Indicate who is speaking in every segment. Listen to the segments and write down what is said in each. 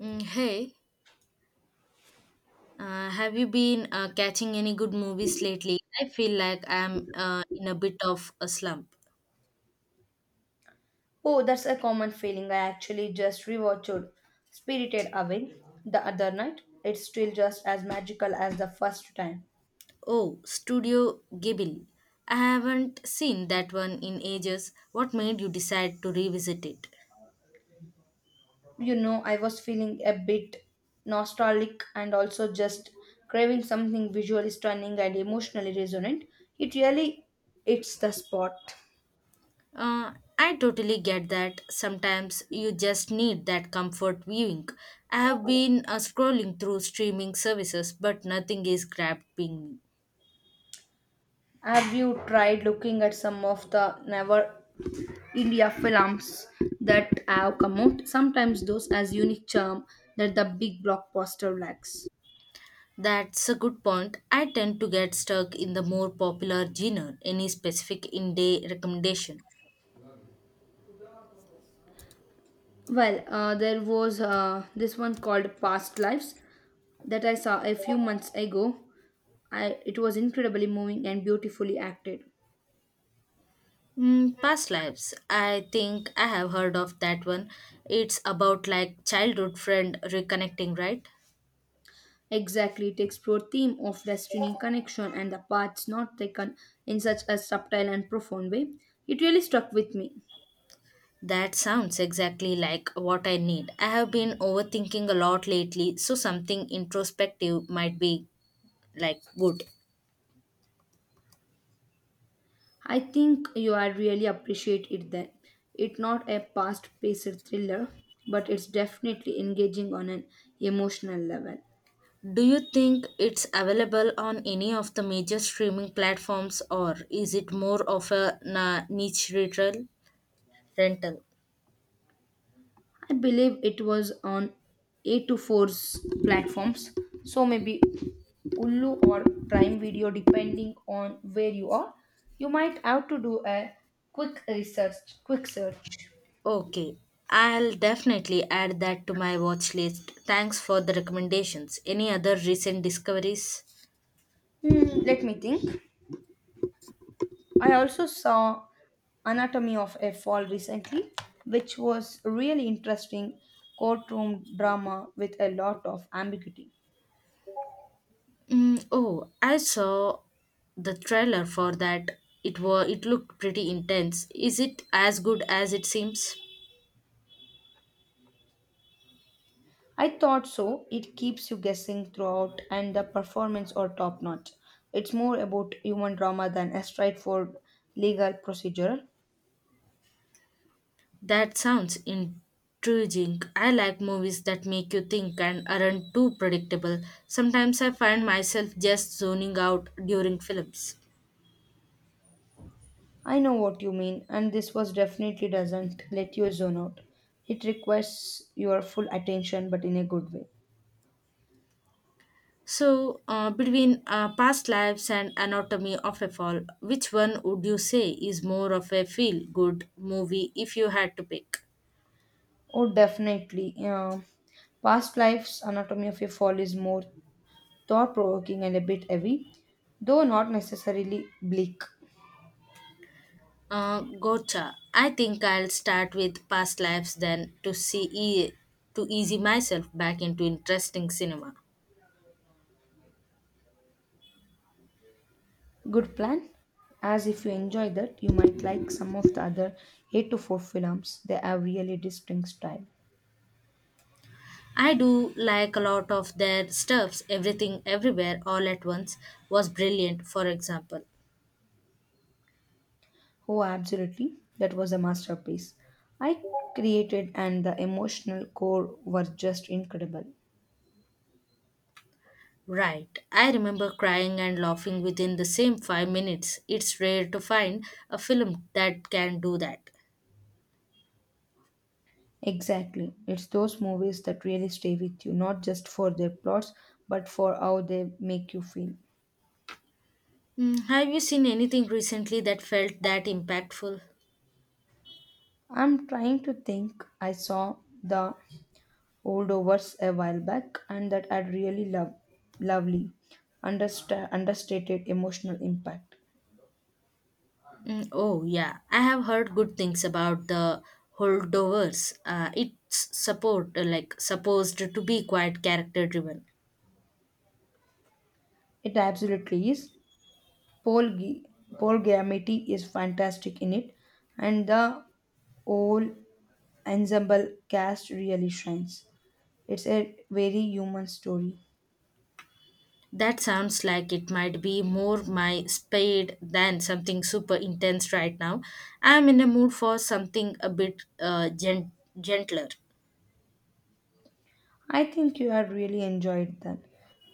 Speaker 1: Hey, have you been catching any good movies lately? I feel like I'm in a bit of a slump.
Speaker 2: Oh, that's a common feeling. I actually just rewatched Spirited Away the other night. It's still just as magical as the first time.
Speaker 1: Oh, Studio Ghibli. I haven't seen that one in ages. What made you decide to revisit it?
Speaker 2: You know, I was feeling a bit nostalgic and also just craving something visually stunning and emotionally resonant. It really hits the spot.
Speaker 1: Uh, I totally get that. Sometimes you just need that comfort viewing. I have been scrolling through streaming services, but nothing is grabbing me.
Speaker 2: Have you tried looking at some of the never India films that have come out? Sometimes those as unique charm that the big blockbuster lacks.
Speaker 1: That's a good point. I tend to get stuck in the more popular genre. Any specific in day recommendation?
Speaker 2: Well, there was this one called Past Lives that I saw a few months ago. It was incredibly moving and beautifully acted.
Speaker 1: Mm, past lives. I think I have heard of that one. It's about like childhood friend reconnecting, right?
Speaker 2: Exactly, it explored theme of destiny, connection, and the paths not taken in such a subtle and profound way. It really struck with me.
Speaker 1: That sounds exactly like what I need. I have been overthinking a lot lately, so something introspective might be like good.
Speaker 2: I think you are really appreciate it then. It's not a past-paced thriller, but it's definitely engaging on an emotional level.
Speaker 1: Do you think it's available on any of the major streaming platforms or is it more of a niche rental?
Speaker 2: I believe it was on A24's platforms. So maybe Hulu or Prime Video, depending on where you are. You might have to do a quick search.
Speaker 1: Okay, I'll definitely add that to my watch list. Thanks for the recommendations. Any other recent discoveries?
Speaker 2: Hmm, let me think. I also saw Anatomy of a Fall recently, which was really interesting courtroom drama with a lot of ambiguity.
Speaker 1: Mm, oh, I saw the trailer for that. It looked pretty intense. Is it as good as it seems?
Speaker 2: I thought so. It keeps you guessing throughout, and the performance are top notch. It's more about human drama than a straightforward legal procedure.
Speaker 1: That sounds intriguing. I like movies that make you think and aren't too predictable. Sometimes I find myself just zoning out during films.
Speaker 2: I know what you mean, and this was definitely doesn't let you zone out. It requires your full attention, but in a good way.
Speaker 1: So, between Past Lives and Anatomy of a Fall, which one would you say is more of a feel good movie if you had to pick?
Speaker 2: Oh, definitely. Past Lives. Anatomy of a Fall is more thought provoking and a bit heavy, though not necessarily bleak.
Speaker 1: Gotcha. I think I'll start with Past Lives then to easy myself back into interesting cinema.
Speaker 2: Good plan. As if you enjoy that, you might like some of the other 8 to 4 films. They have really distinct style.
Speaker 1: I do like a lot of their stuffs, everything everywhere all at once was brilliant, for example.
Speaker 2: Oh, absolutely. That was a masterpiece. I created and the emotional core were just incredible.
Speaker 1: Right. I remember crying and laughing within the same 5 minutes. It's rare to find a film that can do that.
Speaker 2: Exactly. It's those movies that really stay with you, not just for their plots, but for how they make you feel.
Speaker 1: Mm, have you seen anything recently that felt that impactful?
Speaker 2: I'm trying to think. I saw the holdovers a while back and that had really lovely, understated emotional impact.
Speaker 1: Mm, oh, yeah. I have heard good things about the holdovers. It's support, like supposed to be quite character driven.
Speaker 2: It absolutely is. Paul, G- Paul Giamatti is fantastic in it, and the whole ensemble cast really shines. It's a very human story.
Speaker 1: That sounds like it might be more my speed than something super intense right now. I'm in a mood for something a bit gentler.
Speaker 2: I think you have really enjoyed that.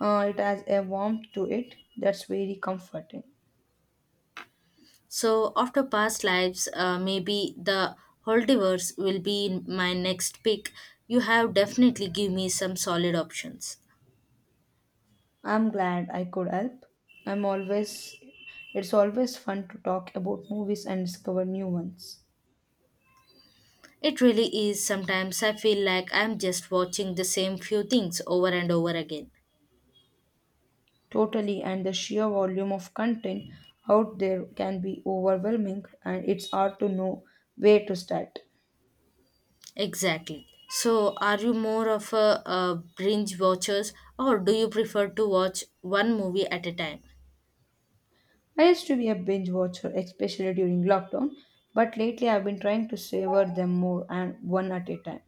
Speaker 2: It has a warmth to it that's very comforting.
Speaker 1: So, after past lives, maybe the Holdivers will be my next pick. You have definitely give me some solid options.
Speaker 2: I'm glad I could help. I'm always It's always fun to talk about movies and discover new ones.
Speaker 1: It really is. Sometimes I feel like I'm just watching the same few things over and over again.
Speaker 2: Totally, and the sheer volume of content out there can be overwhelming and it's hard to know where to start.
Speaker 1: Exactly. So, are you more of a binge watchers or do you prefer to watch one movie at a time?
Speaker 2: I used to be a binge watcher, especially during lockdown, but lately I've been trying to savor them more and one at a time.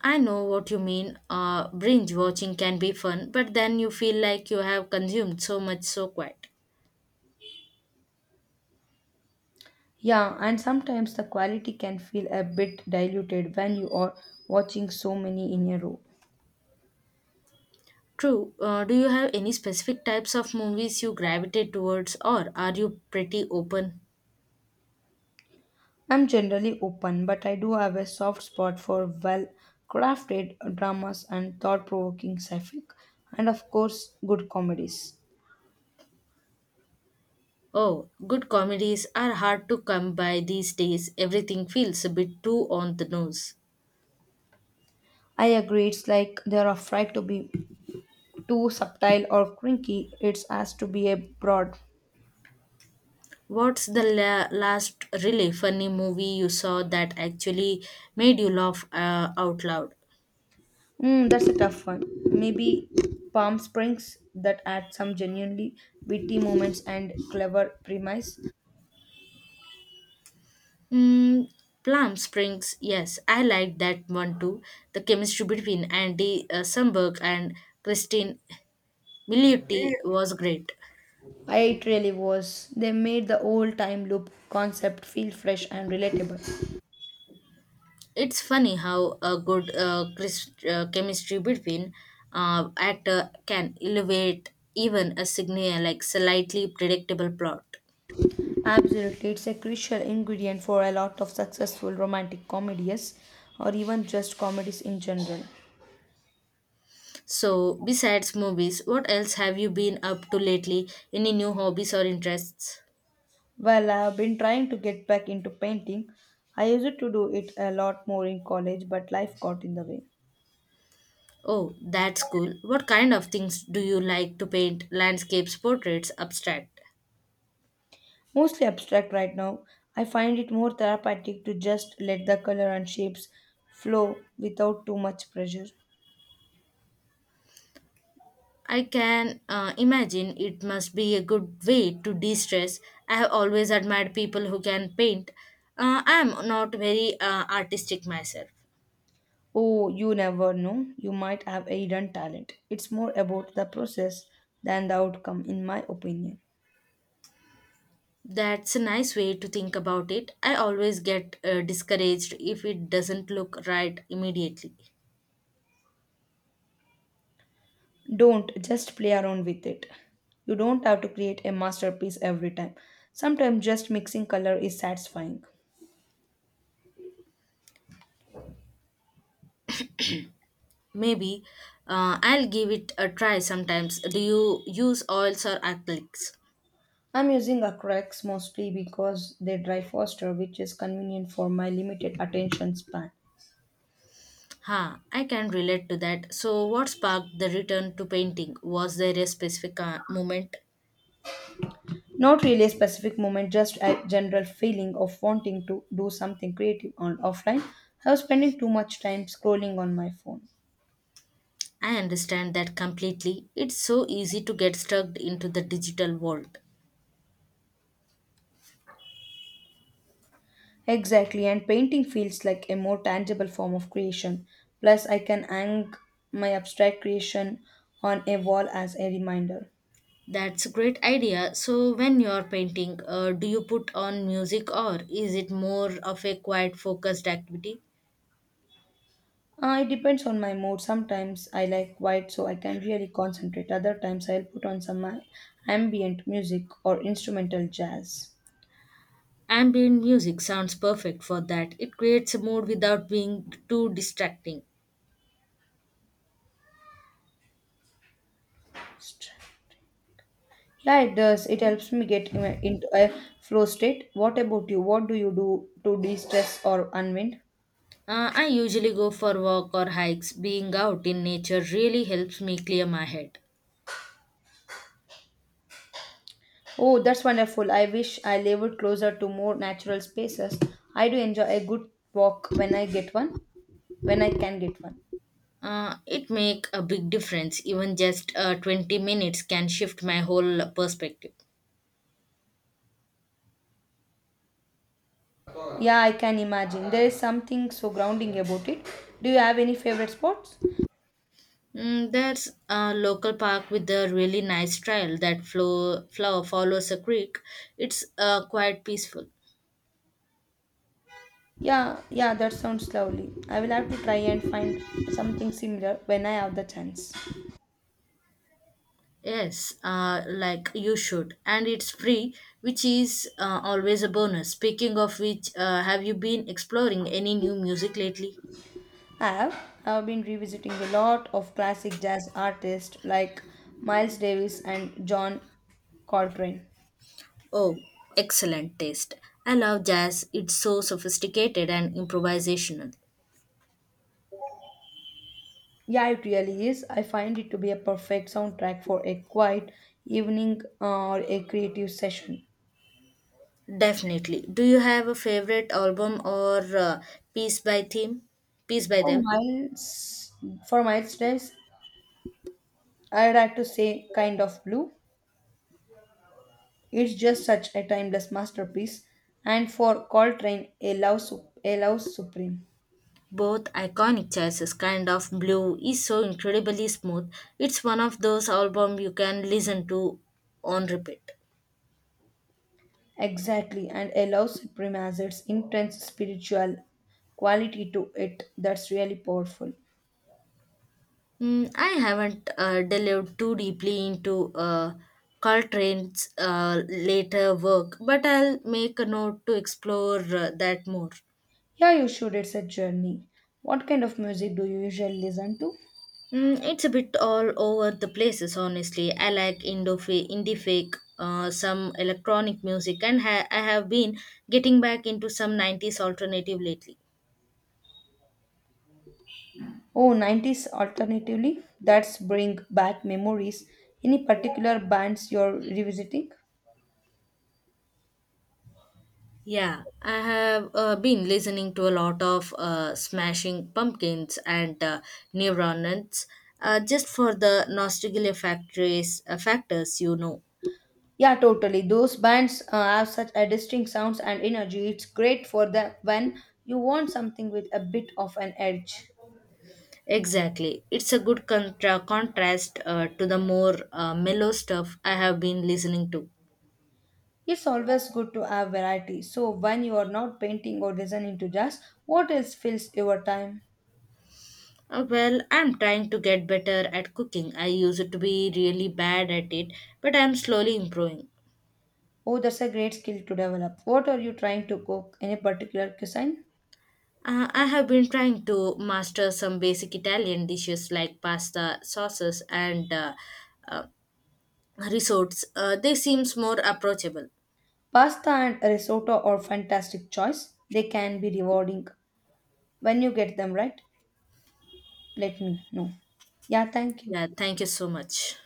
Speaker 1: I know what you mean. Binge watching can be fun, but then you feel like you have consumed so much so quiet.
Speaker 2: Yeah, and sometimes the quality can feel a bit diluted when you are watching so many in a row.
Speaker 1: True. Do you have any specific types of movies you gravitate towards, or are you pretty open?
Speaker 2: I'm generally open, but I do have a soft spot for well crafted dramas and thought provoking sci fi, and of course, good comedies.
Speaker 1: Oh, good comedies are hard to come by these days. Everything feels a bit too on the nose.
Speaker 2: I agree, it's like they're afraid to be too subtle or crinky, it's asked to be a broad.
Speaker 1: What's the last really funny movie you saw that actually made you laugh out loud?
Speaker 2: Mm, that's a tough one. Maybe Palm Springs that had some genuinely witty moments and clever premise.
Speaker 1: Mm, Plum Springs, yes, I liked that one too. The chemistry between Andy Samberg and Christine Milioti was great.
Speaker 2: It really was. They made the old time loop concept feel fresh and relatable.
Speaker 1: It's funny how a good chemistry between actor can elevate even a slightly predictable plot.
Speaker 2: Absolutely, it's a crucial ingredient for a lot of successful romantic comedies or even just comedies in general.
Speaker 1: So, besides movies, what else have you been up to lately? Any new hobbies or interests?
Speaker 2: Well, I've been trying to get back into painting. I used to do it a lot more in college, but life got in the way.
Speaker 1: Oh, that's cool. What kind of things do you like to paint? Landscapes, portraits, abstract?
Speaker 2: Mostly abstract right now. I find it more therapeutic to just let the color and shapes flow without too much pressure.
Speaker 1: I can imagine it must be a good way to de stress. I have always admired people who can paint. I am not very artistic myself.
Speaker 2: Oh, you never know. You might have a hidden talent. It's more about the process than the outcome, in my opinion.
Speaker 1: That's a nice way to think about it. I always get discouraged if it doesn't look right immediately.
Speaker 2: Don't just play around with it. You don't have to create a masterpiece every time. Sometimes just mixing color is satisfying.
Speaker 1: Maybe I'll give it a try sometimes. Do you use oils or acrylics?
Speaker 2: I'm using acrylics mostly because they dry faster, which is convenient for my limited attention span.
Speaker 1: Huh, I can relate to that. So, what sparked the return to painting? Was there a specific moment?
Speaker 2: Not really a specific moment, just a general feeling of wanting to do something creative on offline. I was spending too much time scrolling on my phone.
Speaker 1: I understand that completely. It's so easy to get stuck into the digital world.
Speaker 2: Exactly, and painting feels like a more tangible form of creation. Plus, I can hang my abstract creation on a wall as a reminder.
Speaker 1: That's a great idea. So, when you're painting, do you put on music or is it more of a quiet, focused activity?
Speaker 2: It depends on my mood. Sometimes I like quiet so I can really concentrate. Other times I'll put on some ambient music or instrumental jazz.
Speaker 1: Ambient music sounds perfect for that. It creates a mood without being too distracting.
Speaker 2: Yeah, it does. It helps me get into a flow state. What about you? What do you do to de stress or unwind?
Speaker 1: I usually go for walk or hikes. Being out in nature really helps me clear my head.
Speaker 2: Oh, that's wonderful. I wish I lived closer to more natural spaces. I do enjoy a good walk when I can get one.
Speaker 1: It make a big difference. Even just 20 minutes can shift my whole perspective.
Speaker 2: Yeah, I can imagine. There is something so grounding about it. Do you have any favorite spots?
Speaker 1: Mm, there's a local park with a really nice trail that flow follows a creek. It's quite peaceful.
Speaker 2: Yeah, yeah, that sounds lovely. I will have to try and find something similar when I have the chance.
Speaker 1: Yes, like you should. And it's free, which is always a bonus. Speaking of which, have you been exploring any new music lately?
Speaker 2: I have, I have been revisiting a lot of classic jazz artists like Miles Davis and John Coltrane.
Speaker 1: Oh, excellent taste. I love jazz. It's so sophisticated and improvisational.
Speaker 2: Yeah, it really is. I find it to be a perfect soundtrack for a quiet evening or a creative session.
Speaker 1: Definitely. Do you have a favorite album or piece by theme? Piece by
Speaker 2: For
Speaker 1: them?
Speaker 2: Miles, for Miles Davis, I would like to say Kind of Blue. It's just such a timeless masterpiece. And for Coltrane, a love supreme.
Speaker 1: Both iconic choices. Kind of Blue is so incredibly smooth. It's one of those albums you can listen to on repeat.
Speaker 2: Exactly, and a love supreme has its intense spiritual quality to it that's really powerful.
Speaker 1: Mm, I haven't delved too deeply into Coltrane's later work, but I'll make a note to explore that more.
Speaker 2: Yeah, you should. It's a journey. What kind of music do you usually listen to?
Speaker 1: Mm, it's a bit all over the places, honestly. I like indie fake, some electronic music, and I have been getting back into some 90s alternative lately.
Speaker 2: Oh, nineties alternatively, that's bring back memories. Any particular bands you're revisiting?
Speaker 1: Yeah, I have been listening to a lot of Smashing Pumpkins and Neuronauts just for the factors, you know.
Speaker 2: Yeah, totally. Those bands have such a distinct sounds and energy. It's great for the when you want something with a bit of an edge.
Speaker 1: Exactly. It's a good contrast to the more mellow stuff I have been listening to.
Speaker 2: It's always good to have variety. So when you are not painting or listening to jazz, what else fills your time?
Speaker 1: Well, I'm trying to get better at cooking. I used to be really bad at it, but I'm slowly improving.
Speaker 2: Oh, that's a great skill to develop. What are you trying to cook? Any particular cuisine?
Speaker 1: I have been trying to master some basic Italian dishes like pasta, sauces, and uh, risottos. They seems more approachable.
Speaker 2: Pasta and risotto are fantastic choice. They can be rewarding when you get them right. Let me know. Yeah, thank you.
Speaker 1: Yeah, thank you so much.